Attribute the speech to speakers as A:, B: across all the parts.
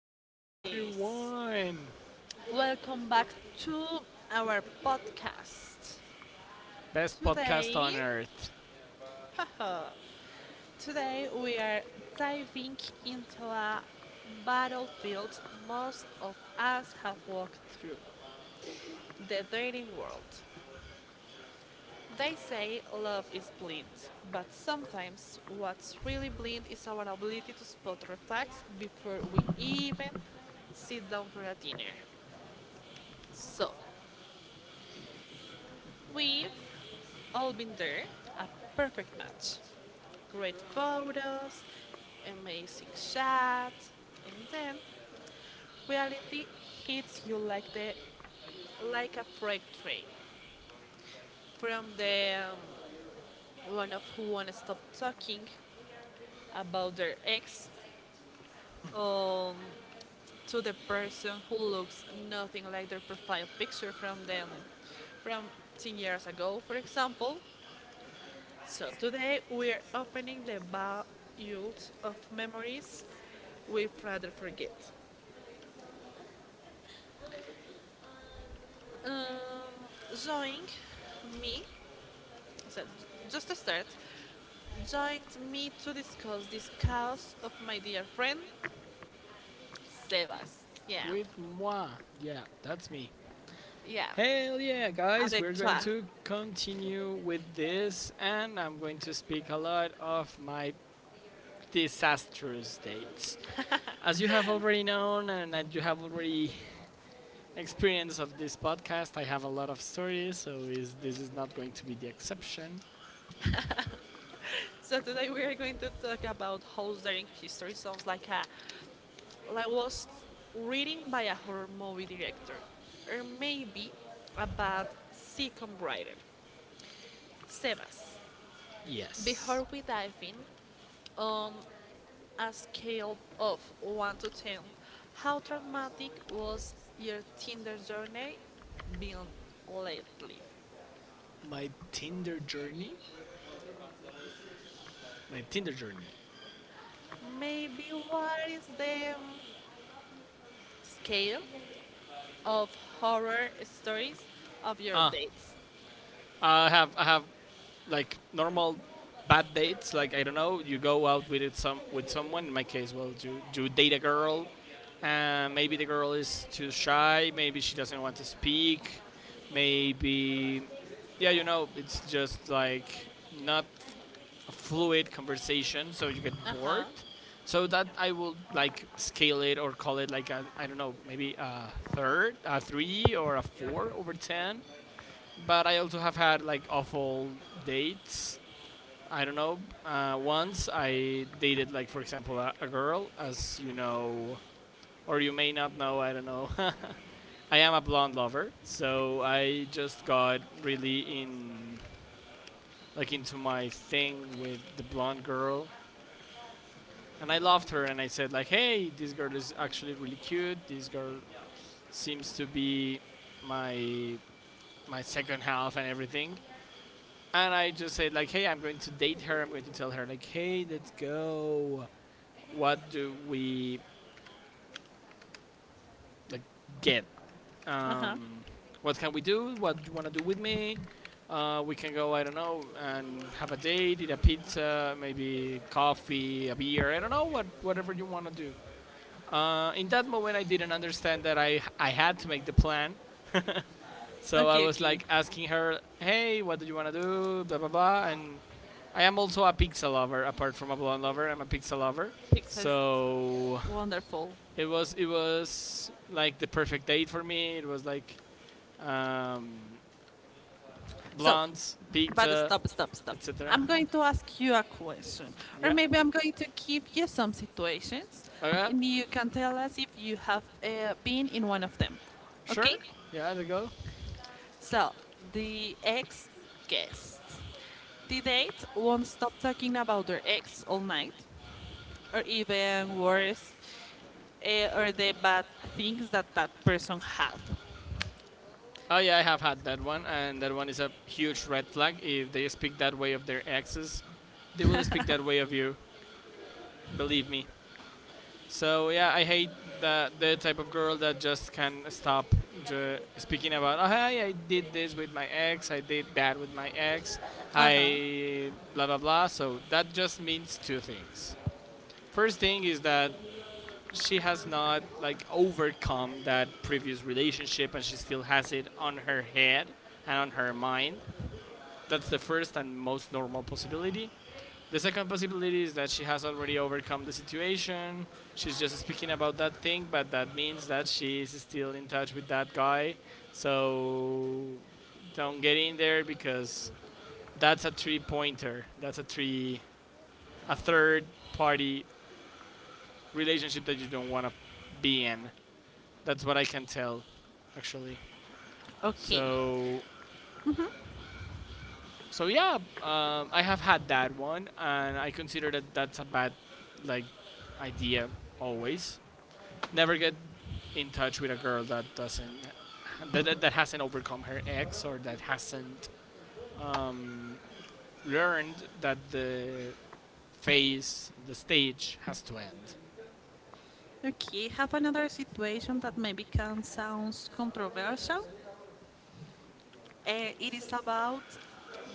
A: guys.
B: everyone!
A: Welcome back to our podcast.
B: Best podcast on
A: Today,
B: earth.
A: uh, today we are diving into a battlefield most of us have walked through, the dating world. They say love is blind, but sometimes what's really blind is our ability to spot red flags before we even sit down for a dinner. So, we've all been there, a perfect match. Great photos, amazing shots, and then reality hits you like the like a freight train. From the one of who wanna stop talking about their ex, um, to the person who looks nothing like their profile picture from 10 years ago, for example. So today we're opening the bowls of memories we'd rather forget. Um, join me, so just to start, joined me to discuss this cause of my dear friend Sebastian. Yeah,
B: With moi. Yeah, that's me.
A: yeah,
B: Hell yeah, guys, we're
A: avec toi.
B: going to continue with this and I'm going to speak a lot of my disastrous dates. As you have already known and as you have already experienced of this podcast, I have a lot of stories, so is this is not going to be the exception.
A: So today we are going to talk about how daring history sounds like a like was reading by a horror movie director, or maybe a bad sitcom writer. Sebas,
B: Yes.
A: before we dive in, on a scale of 1 to 10, how traumatic was your Tinder journey been lately?
B: My Tinder journey? My Tinder journey.
A: Maybe what is the scale of horror stories of your
B: Ah,
A: dates?
B: I have like normal bad dates like I don't know, you go out with it some with someone. In my case, well, you date a girl and maybe the girl is too shy, maybe she doesn't want to speak, maybe, yeah, you know, it's just like not a fluid conversation, so you get
A: Uh huh.
B: bored. So that I will like scale it or call it like I don't know, maybe a third a three or a four over ten. But I also have had like awful dates. I don't know. Once I dated, like for example, a girl, as you know, or you may not know. I don't know. I am a blonde lover, so I just got really in, like into my thing with the blonde girl, and I loved her. And I said like, hey, this girl is actually really cute. This girl seems to be my my second half and everything. And I just said like, hey, I'm going to date her. I'm going to tell her like, hey, let's go, what do we like get?
A: Uh huh.
B: Um, what can we do? What do you want to do with me? We can go, I don't know, and have a date, eat a pizza, maybe coffee, a beer, I don't know, whatever you want to do. In that moment, I didn't understand that I had to make the plan. So I
A: Okay,
B: was
A: okay.
B: like asking her, hey, what do you want to do? Blah, blah, blah. And I am also a pizza lover. Apart from a blonde lover, I'm a pizza lover.
A: Pixar is
B: So
A: wonderful.
B: it was like the perfect date for me. It was like um,
A: So,
B: blondes,
A: but
B: pizza,
A: stop, stop, stop.
B: etc.
A: I'm going to ask you a question, or
B: Yeah.
A: maybe I'm going to give you some situations,
B: Okay.
A: and you can tell us if you have been in one of them. Okay?
B: Sure. Yeah, there you go.
A: So, the ex guest. The date won't stop talking about their ex all night, or even worse, or the bad things that that person had.
B: Oh yeah, I have had that one, and that one is a huge red flag. If they speak that way of their exes, they will speak that way of you. Believe me. So yeah, I hate that, the type of girl that just can stop speaking about. Oh, hey, I did this with my ex. I did that with my ex.
A: Uh huh.
B: I blah blah blah. So that just means two things. First thing is that she has not like overcome that previous relationship, and she still has it on her head and on her mind. That's the first and most normal possibility. The second possibility is that she has already overcome the situation. She's just speaking about that thing, but that means that she is still in touch with that guy. So don't get in there because that's a three pointer. That's a three, a third party relationship that you don't want to be in. That's what I can tell, actually.
A: Okay.
B: So, so yeah, I have had that one, and I consider that that's a bad, like, idea. Always never get in touch with a girl that doesn't, that hasn't overcome her ex, or that hasn't, um, learned that the stage has to end.
A: Okay, have another situation that maybe can sound controversial. It is about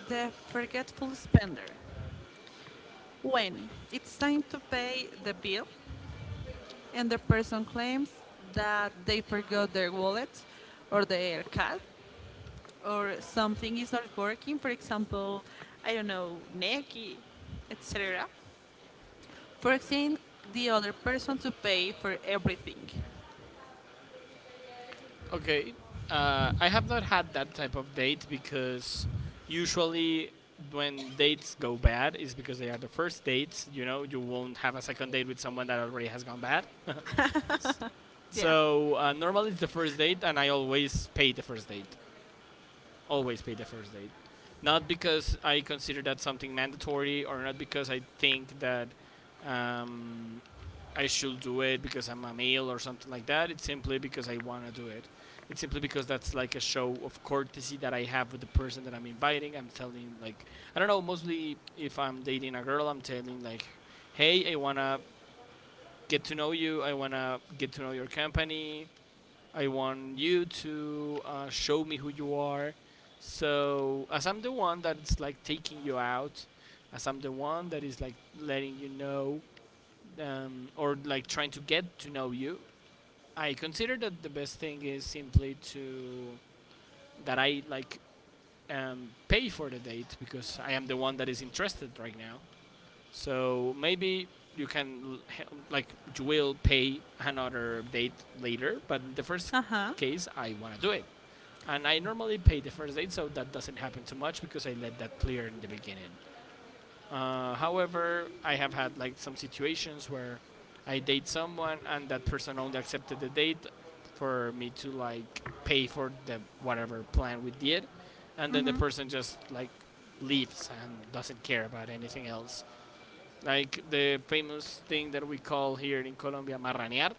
A: the forgetful spender. When it's time to pay the bill and the person claims that they forgot their wallet or their card or something is not working, for example, I don't know, Neki, etc. Forcing the other person to pay for everything.
B: Okay. I have not had that type of date because usually when dates go bad is because they are the first dates. You know, you won't have a second date with someone that already has gone bad.
A: Yeah.
B: So normally it's the first date, and I always pay the first date. Always pay the first date. Not because I consider that something mandatory, or not because I think that, um, I should do it because I'm a male or something like that. It's simply because I want to do it. It's simply because that's like a show of courtesy that I have with the person that I'm inviting. I'm telling, like, I don't know, mostly if I'm dating a girl, I'm telling, like, hey, I want to get to know you. I want to get to know your company. I want you to show me who you are. So, as I'm the one that is like taking you out, as I'm the one that is like letting you know, or like trying to get to know you, I consider that the best thing is simply to, that I like, pay for the date, because I am the one that is interested right now. So maybe you can, like, you will pay another date later, but in the first
A: Uh huh.
B: case I want to do it. And I normally pay the first date, so that doesn't happen too much because I let that clear in the beginning. However, I have had like some situations where I date someone and that person only accepted the date for me to like pay for the whatever plan we did, and then the person just like leaves and doesn't care about anything else. Like the famous thing that we call here in Colombia, marranear.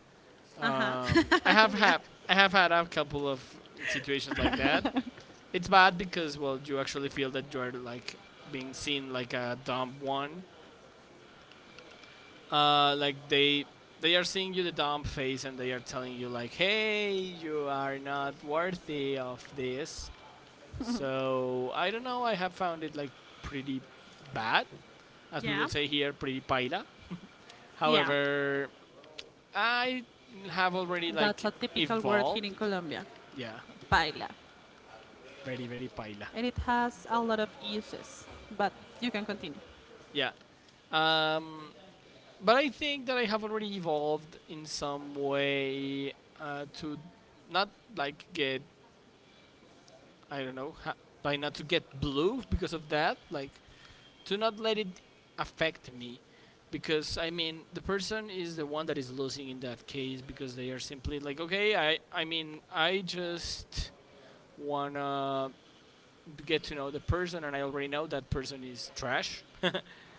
A: Uh huh.
B: I have
A: Yeah.
B: had, I have had a couple of situations like that. It's bad because, well, you actually feel that you are like being seen like a dumb one. Like they are seeing you the dumb face and they are telling you like, hey, you are not worthy of this. So I don't know. I have found it like pretty bad, as we will
A: Yeah.
B: say here, pretty paila.
A: Yeah.
B: However, I have already
A: That's
B: like
A: a typical word here
B: evolved.
A: in Colombia,
B: Yeah,
A: paila,
B: very paila.
A: and it has a lot of uses, but you can continue.
B: Yeah. Um, but I think that I have already evolved in some way, to not like get, I don't know, by not to get blue because of that. Like, to not let it affect me, because I mean the person is the one that is losing in that case, because they are simply like, okay, I mean, I just wanna get to know the person, and I already know that person is trash.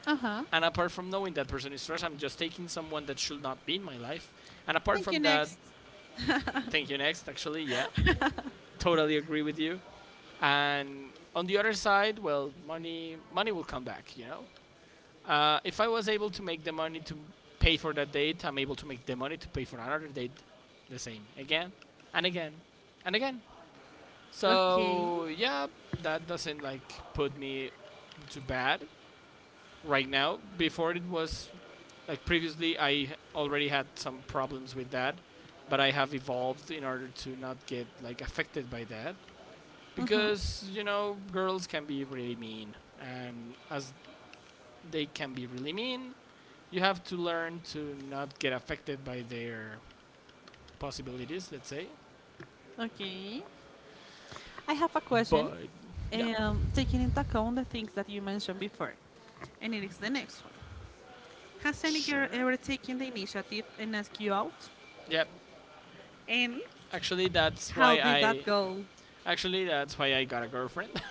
A: Uh huh.
B: And apart from knowing that person is trash, I'm just taking someone that should not be in my life. And apart
A: Thank you.
B: from that,
A: Next.
B: thank you. Next, actually, yeah, totally agree with you. And on the other side, well, money will come back. You know, if I was able to make the money to pay for that date, I'm able to make the money to pay for another date, the same again and again and again.
A: Okay.
B: So yeah, that doesn't like put me too bad right now. Before it was like, previously, I already had some problems with that, but I have evolved in order to not get like affected by that. Because you know girls can be really mean, and as they can be really mean, you have to learn to not get affected by their possibilities, let's say.
A: Okay. I have a question,
B: But yeah.
A: taking into account the things that you mentioned before, and it is the next one. Has any girl
B: Sure.
A: ever taken the initiative and asked you out?
B: Yep.
A: And
B: actually that's
A: how
B: why
A: did that
B: i
A: go?
B: Actually that's why I got a girlfriend.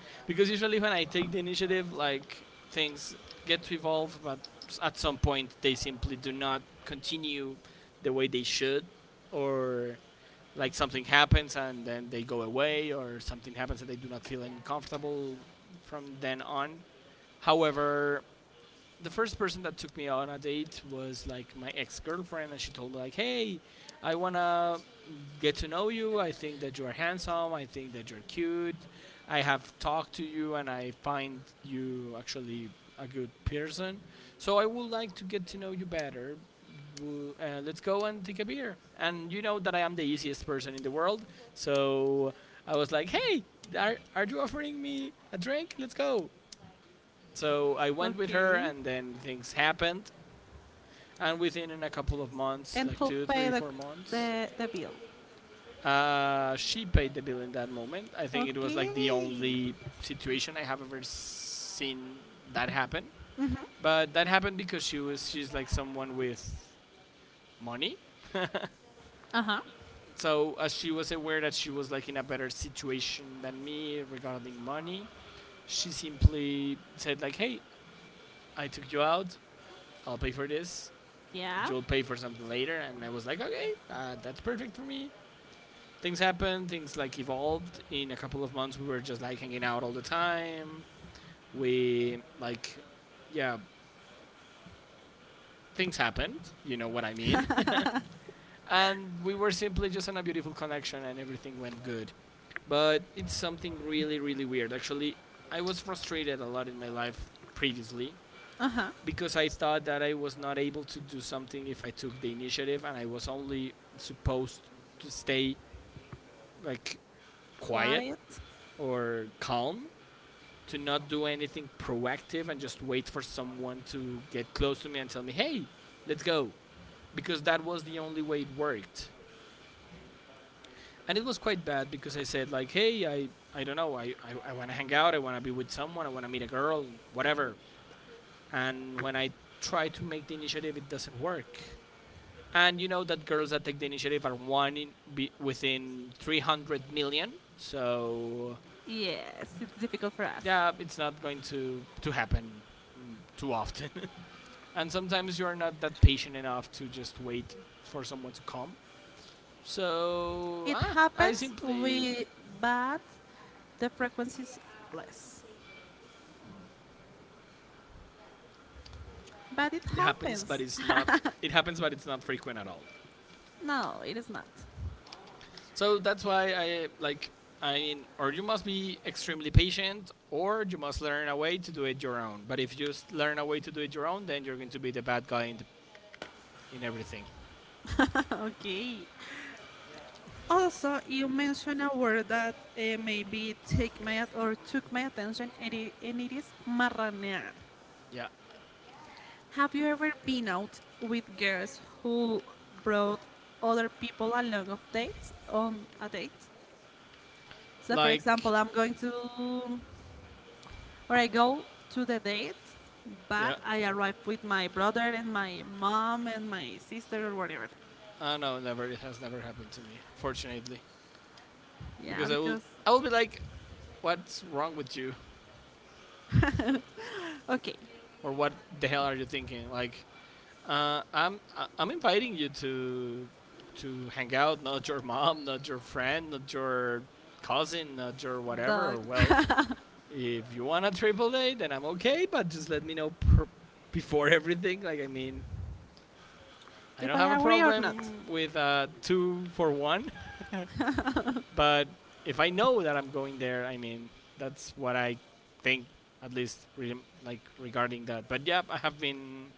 B: Because usually when I take the initiative, like, things get to evolve, but at some point they simply do not continue the way they should, or like something happens and then they go away, or something happens and they do not feel uncomfortable from then on. However, the first person that took me on a date was like my ex-girlfriend, and she told me like, hey, I want to get to know you, I think that you are handsome, I think that you're cute, I have talked to you and I find you actually a good person, so I would like to get to know you better. Let's go and take a beer. And you know that I am the easiest person in the world, so I was like, hey, are you offering me a drink? Let's go. So I went with her,
A: Okay.
B: and then things happened. And within in a couple of months,
A: And
B: like
A: who
B: two, three,
A: paid
B: four months,
A: the bill?
B: she paid the bill in that moment. I think it was like the
A: Okay.
B: only situation I have ever seen that happen. But that happened because she's like someone with money.
A: Uh huh.
B: So as she was aware that she was like in a better situation than me regarding money, she simply said like, "Hey, I took you out. I'll pay for this,
A: Yeah.
B: you'll pay for something later." And I was like, okay, that's perfect for me. Things happened, things like evolved. In a couple of months, we were just like hanging out all the time. We like, yeah, things happened. You know what I mean. And we were simply just on a beautiful connection, and everything went good. But it's something really, really weird. Actually, I was frustrated a lot in my life previously
A: Uh huh.
B: because I thought that I was not able to do something if I took the initiative and I was only supposed to stay like quiet
A: Quiet.
B: or calm to not do anything proactive and just wait for someone to get close to me and tell me, "Hey, let's go," because that was the only way it worked. And it was quite bad because I said like, "Hey, I don't know, I want to hang out, I want to be with someone, I want to meet a girl, whatever." And when I try to make the initiative, it doesn't work. And you know that girls that take the initiative are one in be within 300 million. So
A: Yes, it's difficult for us.
B: yeah, it's not going to happen too often. And sometimes you're not that patient enough to just wait for someone to come. So
A: It
B: I
A: happens,
B: simply
A: we, but the frequency is less. But it
B: it happens, but
A: happens.
B: it's not it happens, but it's not frequent at all.
A: No, it is not.
B: So that's why I mean, or you must be extremely patient, or you must learn a way to do it your own. But if you just learn a way to do it your own, then you're going to be the bad guy in everything.
A: Okay. Also, you mentioned a word that maybe take my at- or took my attention, and and it is marranear.
B: Yeah,
A: Have you ever been out with girls who brought other people along of dates on a date? So, for
B: like
A: example, I go to the date, but
B: yeah.
A: I arrive with my brother and my mom and my sister or whatever.
B: I know, never. It has never happened to me, fortunately.
A: Yeah,
B: Because
A: because
B: I will be like, what's wrong with you,
A: okay,
B: or what the hell are you thinking? Like, I am inviting you to hang out, not your mom, not your friend, not your cousin, not your whatever.
A: dog.
B: Or well, if you want a triple date, then I'm okay, but just let me know before everything. Like, I mean, I
A: If
B: don't have a
A: I agree or not.
B: problem with two for one. But if I know that I'm going there, I mean, that's what I think, at least regarding that. But yeah,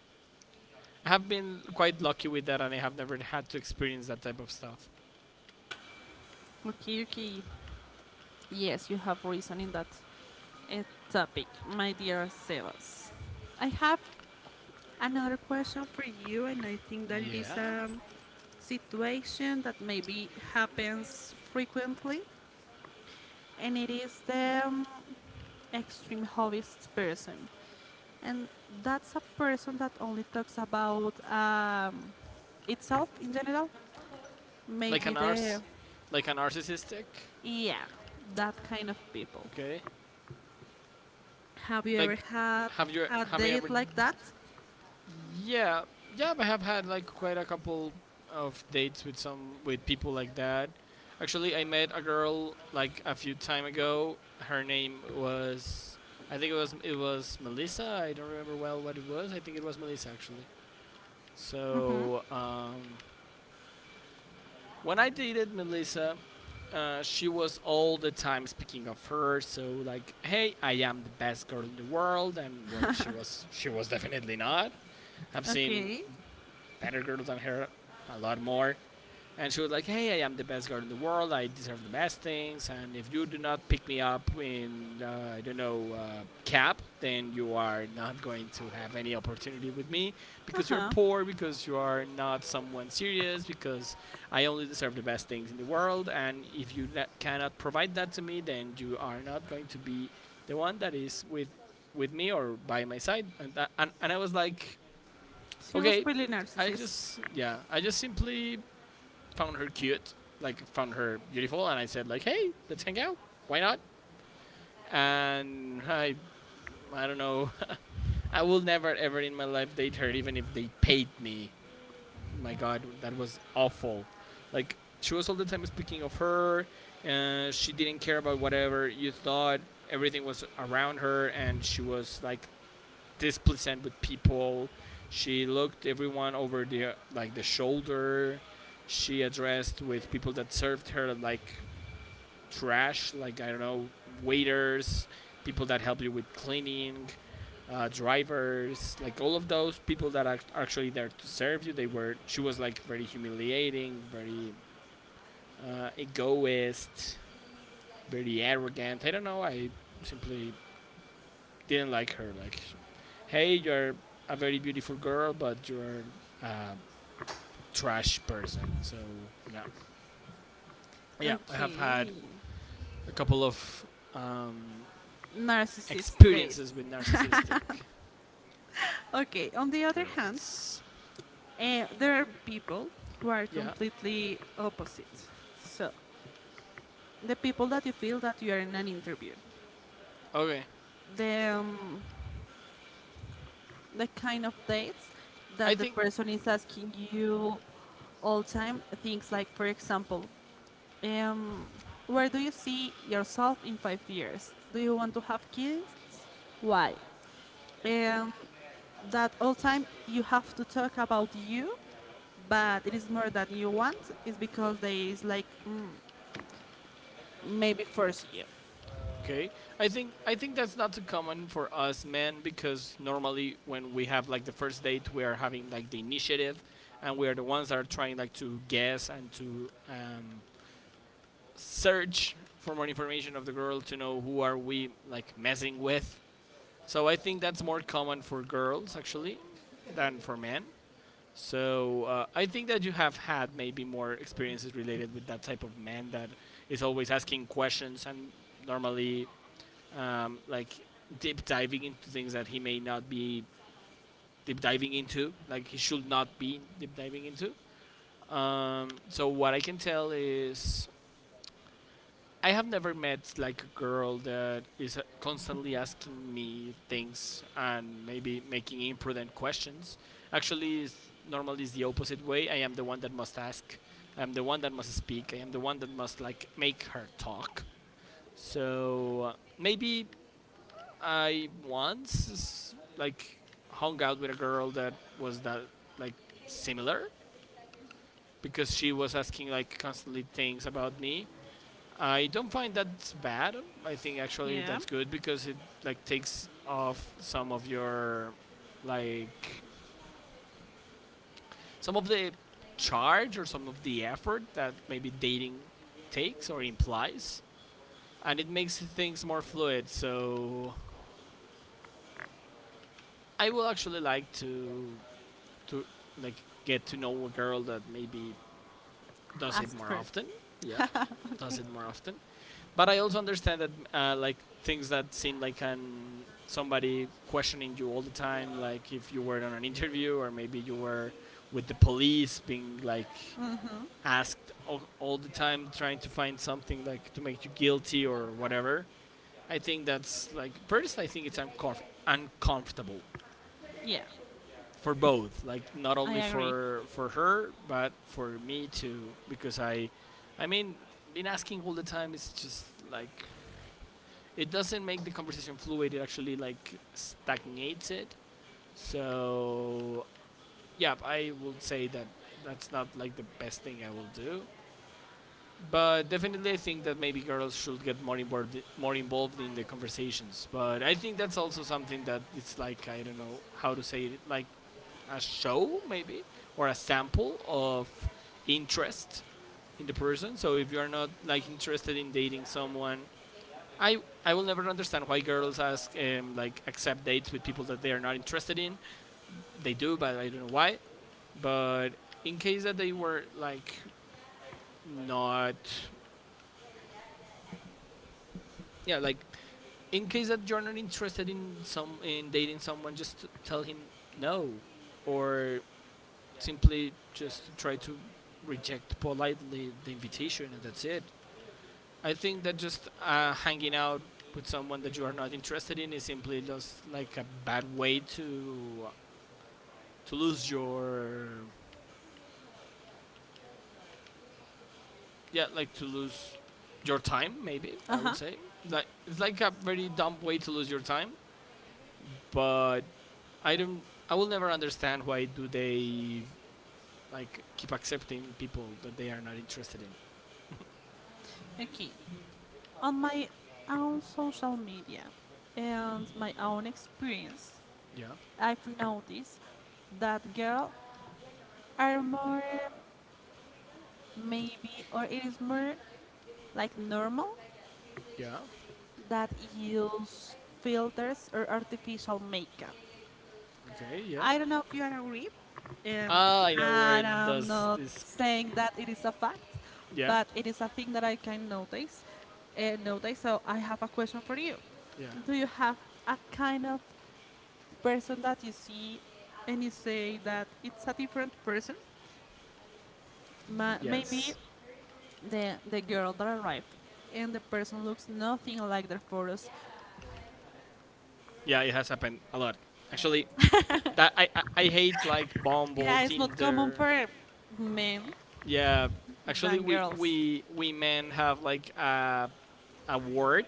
B: I have been quite lucky with that, and I have never had to experience that type of stuff.
A: Okay, okay. Yes, you have reason in that uh, topic, my dear Sebas. I have another question for you, and I think that it is
B: Yeah,
A: a situation that maybe happens frequently, and it is the extreme hobbyist person. And that's a person that only talks about itself in general.
B: like a
A: Maybe
B: narc, like a narcissistic.
A: yeah, that kind of people.
B: Okay,
A: Have you ever
B: like
A: had
B: have you
A: a
B: have I ever
A: date like that?
B: Yeah, yeah, I have had like quite a couple of dates with some with people like that. Actually, I met a girl like a few time ago. Her name was, I think it was Melissa. I don't remember well what it was. I think it was Melissa actually. So when I dated Melissa, she was all the time speaking of her. So like, hey, I am the best girl in the world, and well, she was definitely not. I've seen
A: Okay.
B: better girls than her, a lot more. And she was like, "Hey, I am the best girl in the world. I deserve the best things. And if you do not pick me up in, I don't know, cab, then you are not going to have any opportunity with me
A: Uh
B: because you're
A: huh.
B: poor, because you are not someone serious, because I only deserve the best things in the world. And if you cannot provide that to me, then you are not going to be the one that is with me or by my side." And I was like,
A: She was
B: okay,
A: really
B: I
A: narcissist.
B: just yeah, I just simply found her cute, like found her beautiful, and I said like, hey, let's hang out. Why not? And I don't know. I will never ever in my life date her, even if they paid me. My God, that was awful. Like she was all the time speaking of her, and she didn't care about whatever you thought. Everything was around her, and she was like displeasant with people. She looked everyone over the like the shoulder. She addressed with people that served her like trash, like I don't know, waiters, people that help you with cleaning, drivers, like all of those people that are actually there to serve you. They were She was like very humiliating, very egoist, very arrogant. I don't know. I simply didn't like her. Like hey, you're a very beautiful girl, but you're a trash person. So, no. Yeah, I have had
A: Okay.
B: a couple of um,
A: Narcissist days.
B: experiences with narcissistic
A: Okay. On the other hand,
B: girls.
A: eh, there are people who are
B: Yeah.
A: completely opposite. So the people that you feel that you are in an interview,
B: Okay.
A: the um, the kind of dates
B: I
A: that the
B: think.
A: person is asking you all time things like, for example, um, where do you see yourself in five years, do you want to have kids, why, um, that all time you have to talk about you, but it is more that you want is because there is like, maybe first year.
B: Okay. I think that's not too common for us men because normally when we have like the first date, we are having like the initiative, and we are the ones that are trying like to guess and to search for more information of the girl to know who are we like messing with. So I think that's more common for girls actually than for men. So I think that you have had maybe more experiences related with that type of man that is always asking questions and normally um, like deep diving into things that he may not be deep diving into, like he should not be deep diving into. So what I can tell is I have never met like a girl that is constantly asking me things and maybe making imprudent questions. Actually, normally it's the opposite way. I am the one that must ask. I'm the one that must speak. I am the one that must like make her talk. So maybe I once hung out with a girl that was that like similar because she was asking like constantly things about me. I don't find that bad. I think actually
A: Yeah.
B: that's good because it like takes off some of your like some of the charge or some of the effort that maybe dating takes or implies, and it makes things more fluid. So I will actually like to to get to know a girl that maybe does it
A: Ask
B: more
A: first.
B: often. Yeah, does it more often. But I also understand that things that seem like an somebody questioning you all the time, like if you were on an interview or maybe you were with the police being like asked all the time trying to find something like to make you guilty or whatever. I think that's like first I think it's uncomfortable
A: Yeah,
B: for both, like not only
A: I agree.
B: for her but for me too because I mean been asking all the time is just like it doesn't make the conversation fluid. It actually like stagnates it. So yeah, I would say that that's not like the best thing I will do. But definitely, I think that maybe girls should get more involved in the conversations. But I think that's also something that it's like I don't know how to say it, like a show maybe or a sample of interest in the person. So if you're not like interested in dating someone I I will never understand why girls ask accept dates with people that they are not interested in. They do, but I don't know why. But in case that they were like not yeah like in case that you're not interested in some in dating someone, just tell him no or simply just try to reject politely the invitation and that's it. I think that just hanging out with someone that you are not interested in is simply just like a bad way to lose your yeah like to lose your time maybe I would
A: Uh-huh.
B: say, like it's like a very dumb way to lose your time. But i don't I will never understand why do they like keep accepting people that they are not interested in.
A: Okay, on my own social media and my own experience,
B: Yeah,
A: I've noticed that girls are more, maybe, or it is more like normal
B: yeah,
A: that use filters or artificial makeup.
B: okay, yeah,
A: I don't know if you agree, and
B: ah I know where it
A: I'm
B: does
A: not
B: this,
A: saying that it is a fact,
B: yeah,
A: but it is a thing that I can notice and notice. So I have a question for you.
B: yeah,
A: Do you have a kind of person that you see and you say that it's a different person? Maybe
B: yes,
A: the girl that arrived and the person looks nothing like their photos.
B: yeah, it has happened a lot actually that I hate like Bumble,
A: Yeah, it's not common
B: Tinder.
A: for men
B: Yeah, actually,
A: than
B: we
A: girls.
B: we we men have like a word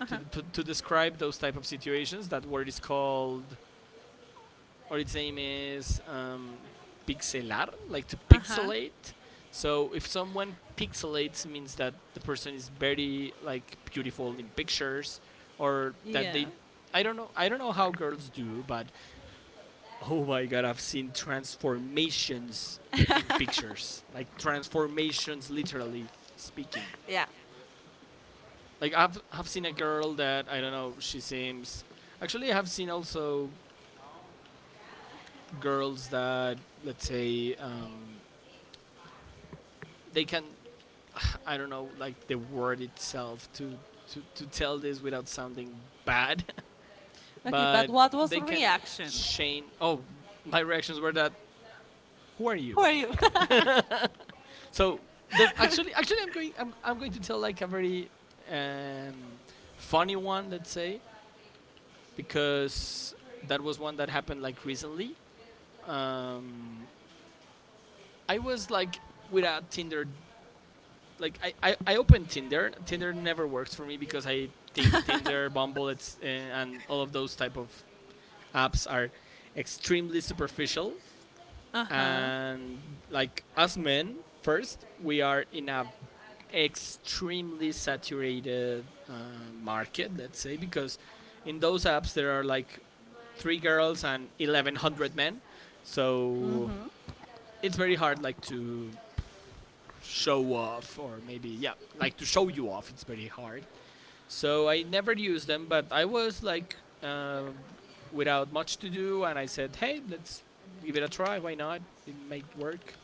A: Uh
B: to,
A: huh.
B: to describe those type of situations. That word is called, or its name is pixelar, like to
A: Uh huh.
B: pixelate. So if someone pixelates, means that the person is very like beautiful in pictures, or that
A: Yeah.
B: they, I don't know how girls do, but oh my god, I've seen transformations in pictures. Like transformations literally speaking.
A: Yeah.
B: Like I've seen a girl that I don't know, she seems actually I have seen also girls that let's say they can I don't know like the word itself to to tell this without sounding bad,
A: Okay, but
B: but
A: what was the
B: they can
A: reaction?
B: change. Oh, my reactions were that who are you?
A: Who are you?
B: So the actually I'm going to tell like a very um, funny one let's say because that was one that happened like recently. Um, I was like without Tinder like I opened Tinder. Tinder never works for me because I think Tinder, Bumble, and all of those type of apps are extremely superficial,
A: Uh huh.
B: and like us men, first we are in a extremely saturated market, let's say, because in those apps there are like three girls and 1100 men. So it's very hard like to show off, or maybe yeah, like to show you off. It's very hard. So I never used them, but I was like uh, without much to do, and I said, "Hey, let's give it a try. Why not? It might work."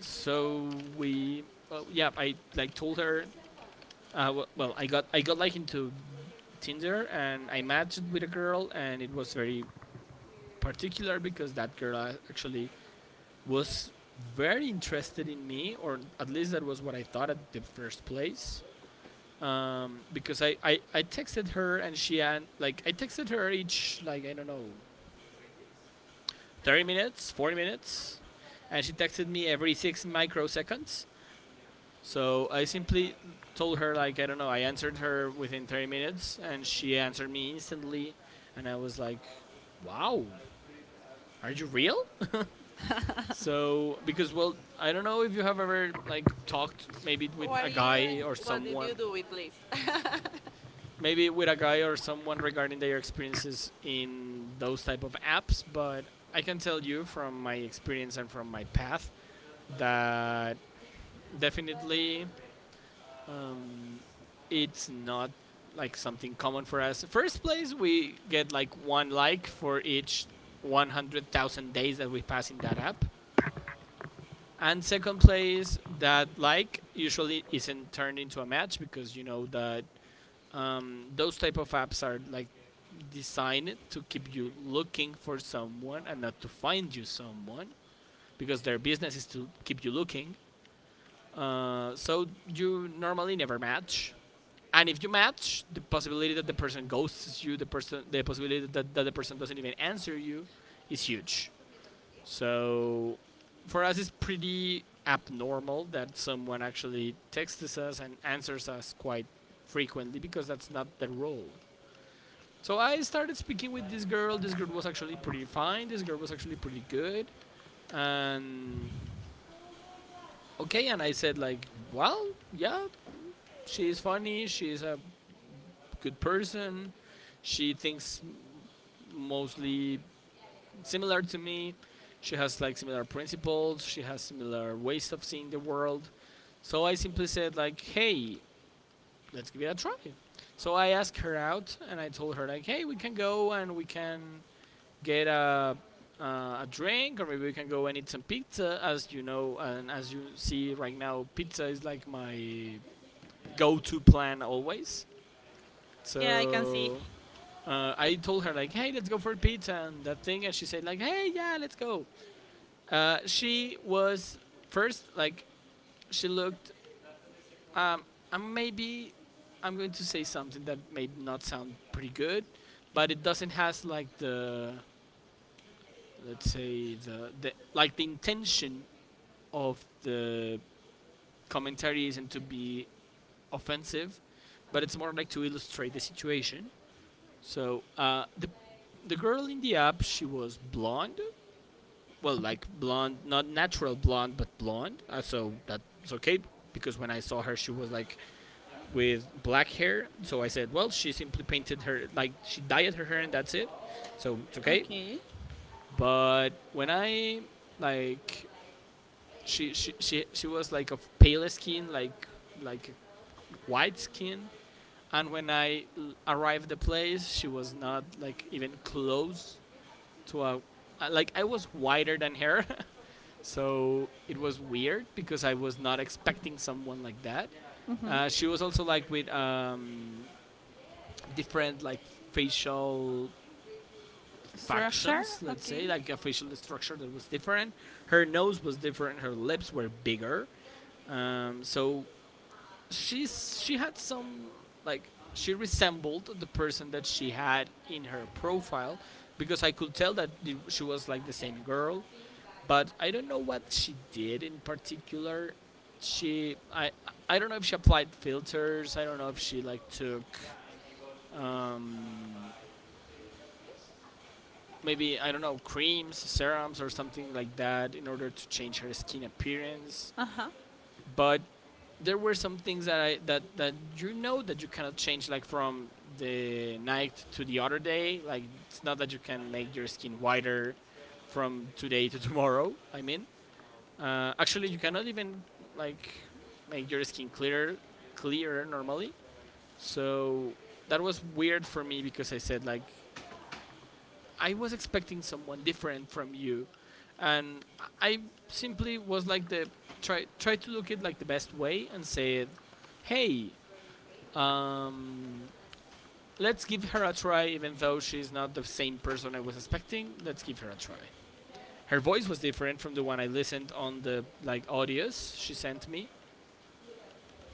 B: So yeah, I like told her. I got like into Tinder, and I matched with a girl, and it was very particular because that girl actually was very interested in me, or at least that was what I thought at the first place. Because I texted her, and she, and like I texted her each, like, I don't know, 30 minutes, 40 minutes, and she texted me every six microseconds. So I simply told her, like, I don't know. I answered her within 30 minutes, and she answered me instantly, and I was like, "Wow, are you real?" So, because, well, I don't know if you have ever like talked maybe with
A: What are
B: a
A: you
B: guy
A: and
B: or
A: what did
B: someone,
A: you do with Liz?
B: regarding their experiences in those type of apps. But I can tell you from my experience and from my path that definitely, um, it's not like something common for us. First place, we get like one like for each 100,000 days that we pass in that app. And second place, that like usually isn't turned into a match, because you know that, those type of apps are like designed to keep you looking for someone and not to find you someone, because their business is to keep you looking. So you normally never match. And if you match, the possibility that the person ghosts you, the possibility that, the person doesn't even answer you, is huge. So, for us, it's pretty abnormal that someone actually texts us and answers us quite frequently, because that's not the role. So I started speaking with this girl. This girl was actually pretty fine. This girl was actually pretty good. And okay, and I said like, well, yeah, she's funny. She's a good person. She thinks mostly similar to me. She has like similar principles. She has similar ways of seeing the world. So I simply said like, "Hey, let's give it a try." So I asked her out, and I told her like, "Hey, we can go, and we can get a drink, or maybe we can go and eat some pizza." As you know, and as you see right now, pizza is like my go-to plan always.
A: Yeah, I can see.
B: So I told her like, "Hey, let's go for pizza and that thing," and she said like, "Hey, yeah, let's go." She was first like, she looked. Um, and maybe I'm going to say something that may not sound pretty good, but it doesn't has like the, let's say, the like the intention of the commentary isn't to be offensive, but it's more like to illustrate the situation. So the girl in the app, she was blonde, well, like blonde, not natural blonde, but blonde. So that's okay, because when I saw her, she was like with black hair. So I said, well, she simply painted her, like she dyed her hair, and that's it. So it's okay.
A: Okay.
B: But when I, like, she was like of pale skin, like white skin. And when I arrived at the place, she was not like even close to a, like, I was whiter than her. So it was weird because I was not expecting someone like that.
A: Mm-hmm.
B: She was also like with different like facial
A: Structure.
B: factions, let's
A: Okay.
B: say, like a facial structure that was different. Her nose was different. Her lips were bigger. So she had some, like, she resembled the person that she had in her profile, because I could tell that she was like the same girl, but I don't know what she did in particular. She I don't know if she applied filters. I don't know if she like took, um, maybe, I don't know, creams, serums, or something like that in order to change her skin appearance.
A: Uh huh.
B: But there were some things that I that that you know that you cannot change like from the night to the other day. Like it's not that you can make your skin whiter from today to tomorrow. I mean, actually, you cannot even like make your skin clearer, clearer normally. So that was weird for me, because I said like I was expecting someone different from you. And I simply was like, the try to look it like the best way, and said, hey, um, let's give her a try, even though she's not the same person I was expecting. Let's give her a try. Her voice was different from the one I listened on the like audios she sent me.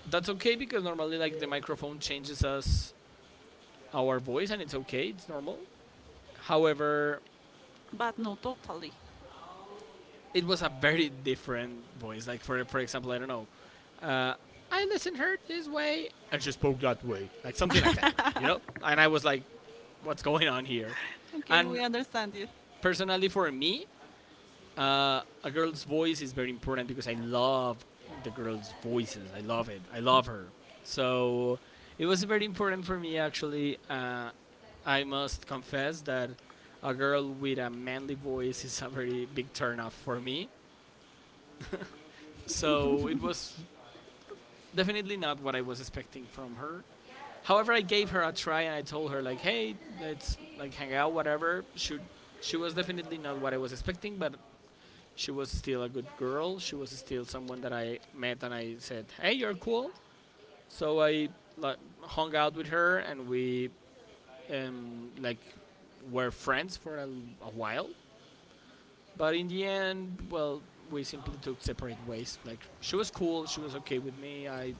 B: That's okay because normally like the microphone changes us, our voice, and it's okay, it's normal. However,
A: But not totally.
B: it was a very different voice. Like for example, I don't know. Uh, I listened her this way, and she spoke that way. Like something like that. You know? And I was like, what's going on here?
A: Okay,
B: And
A: we understand you.
B: personally for me, a girl's voice is very important, because I love the girl's voices. I love it. I love her. So it was very important for me actually. I must confess that a girl with a manly voice is a very big turnoff for me. So it was definitely not what I was expecting from her. However, I gave her a try, and I told her like, "Hey, let's like hang out, whatever." Should, she was definitely not what I was expecting, but she was still a good girl. She was still someone that I met, and I said, "Hey, you're cool." So I like hung out with her, and we, like, were friends for a while. But in the end, well, we simply took separate ways. Like she was cool, she was okay with me.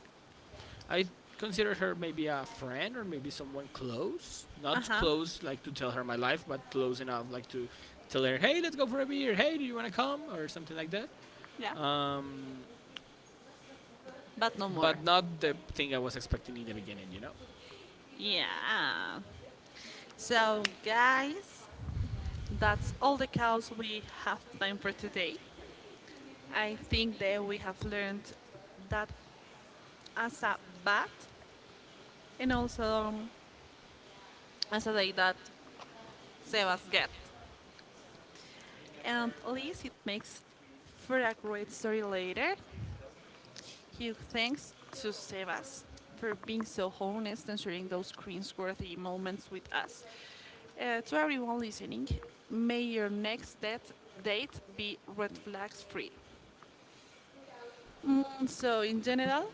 B: I considered her maybe a friend, or maybe someone close,
A: Uh
B: not
A: huh.
B: close like to tell her my life, but close enough like to tell her, hey, let's go for a beer. Hey, do you want to come, or something like that?
A: Yeah.
B: Um,
A: But no more.
B: but not the thing I was expecting in the beginning, you know,
A: Yeah. So, guys, that's all the cows we have time for today. I think that we have learned that, as a bat and also, as a day that Sebas get. And at least it makes for a great story later. Huge thanks to Sebas for being so honest and sharing those cringe-worthy moments with us. To everyone listening, may your next date be red flags free. So, in general,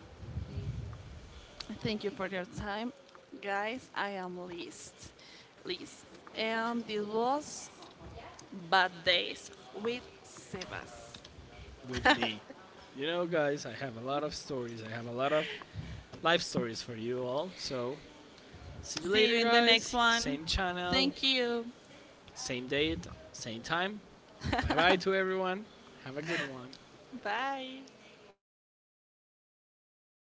A: thank you for your time. Guys, I am Liz. Liz. And this was Bad Days with Sebas.
B: with me. You know, guys, I have a lot of stories. I have a lot of life stories for you all. So, see you
A: See
B: later,
A: you in the next
B: guys.
A: one.
B: Same channel,
A: Thank you.
B: same date, same time. Bye bye to everyone. Have a good one.
A: Bye.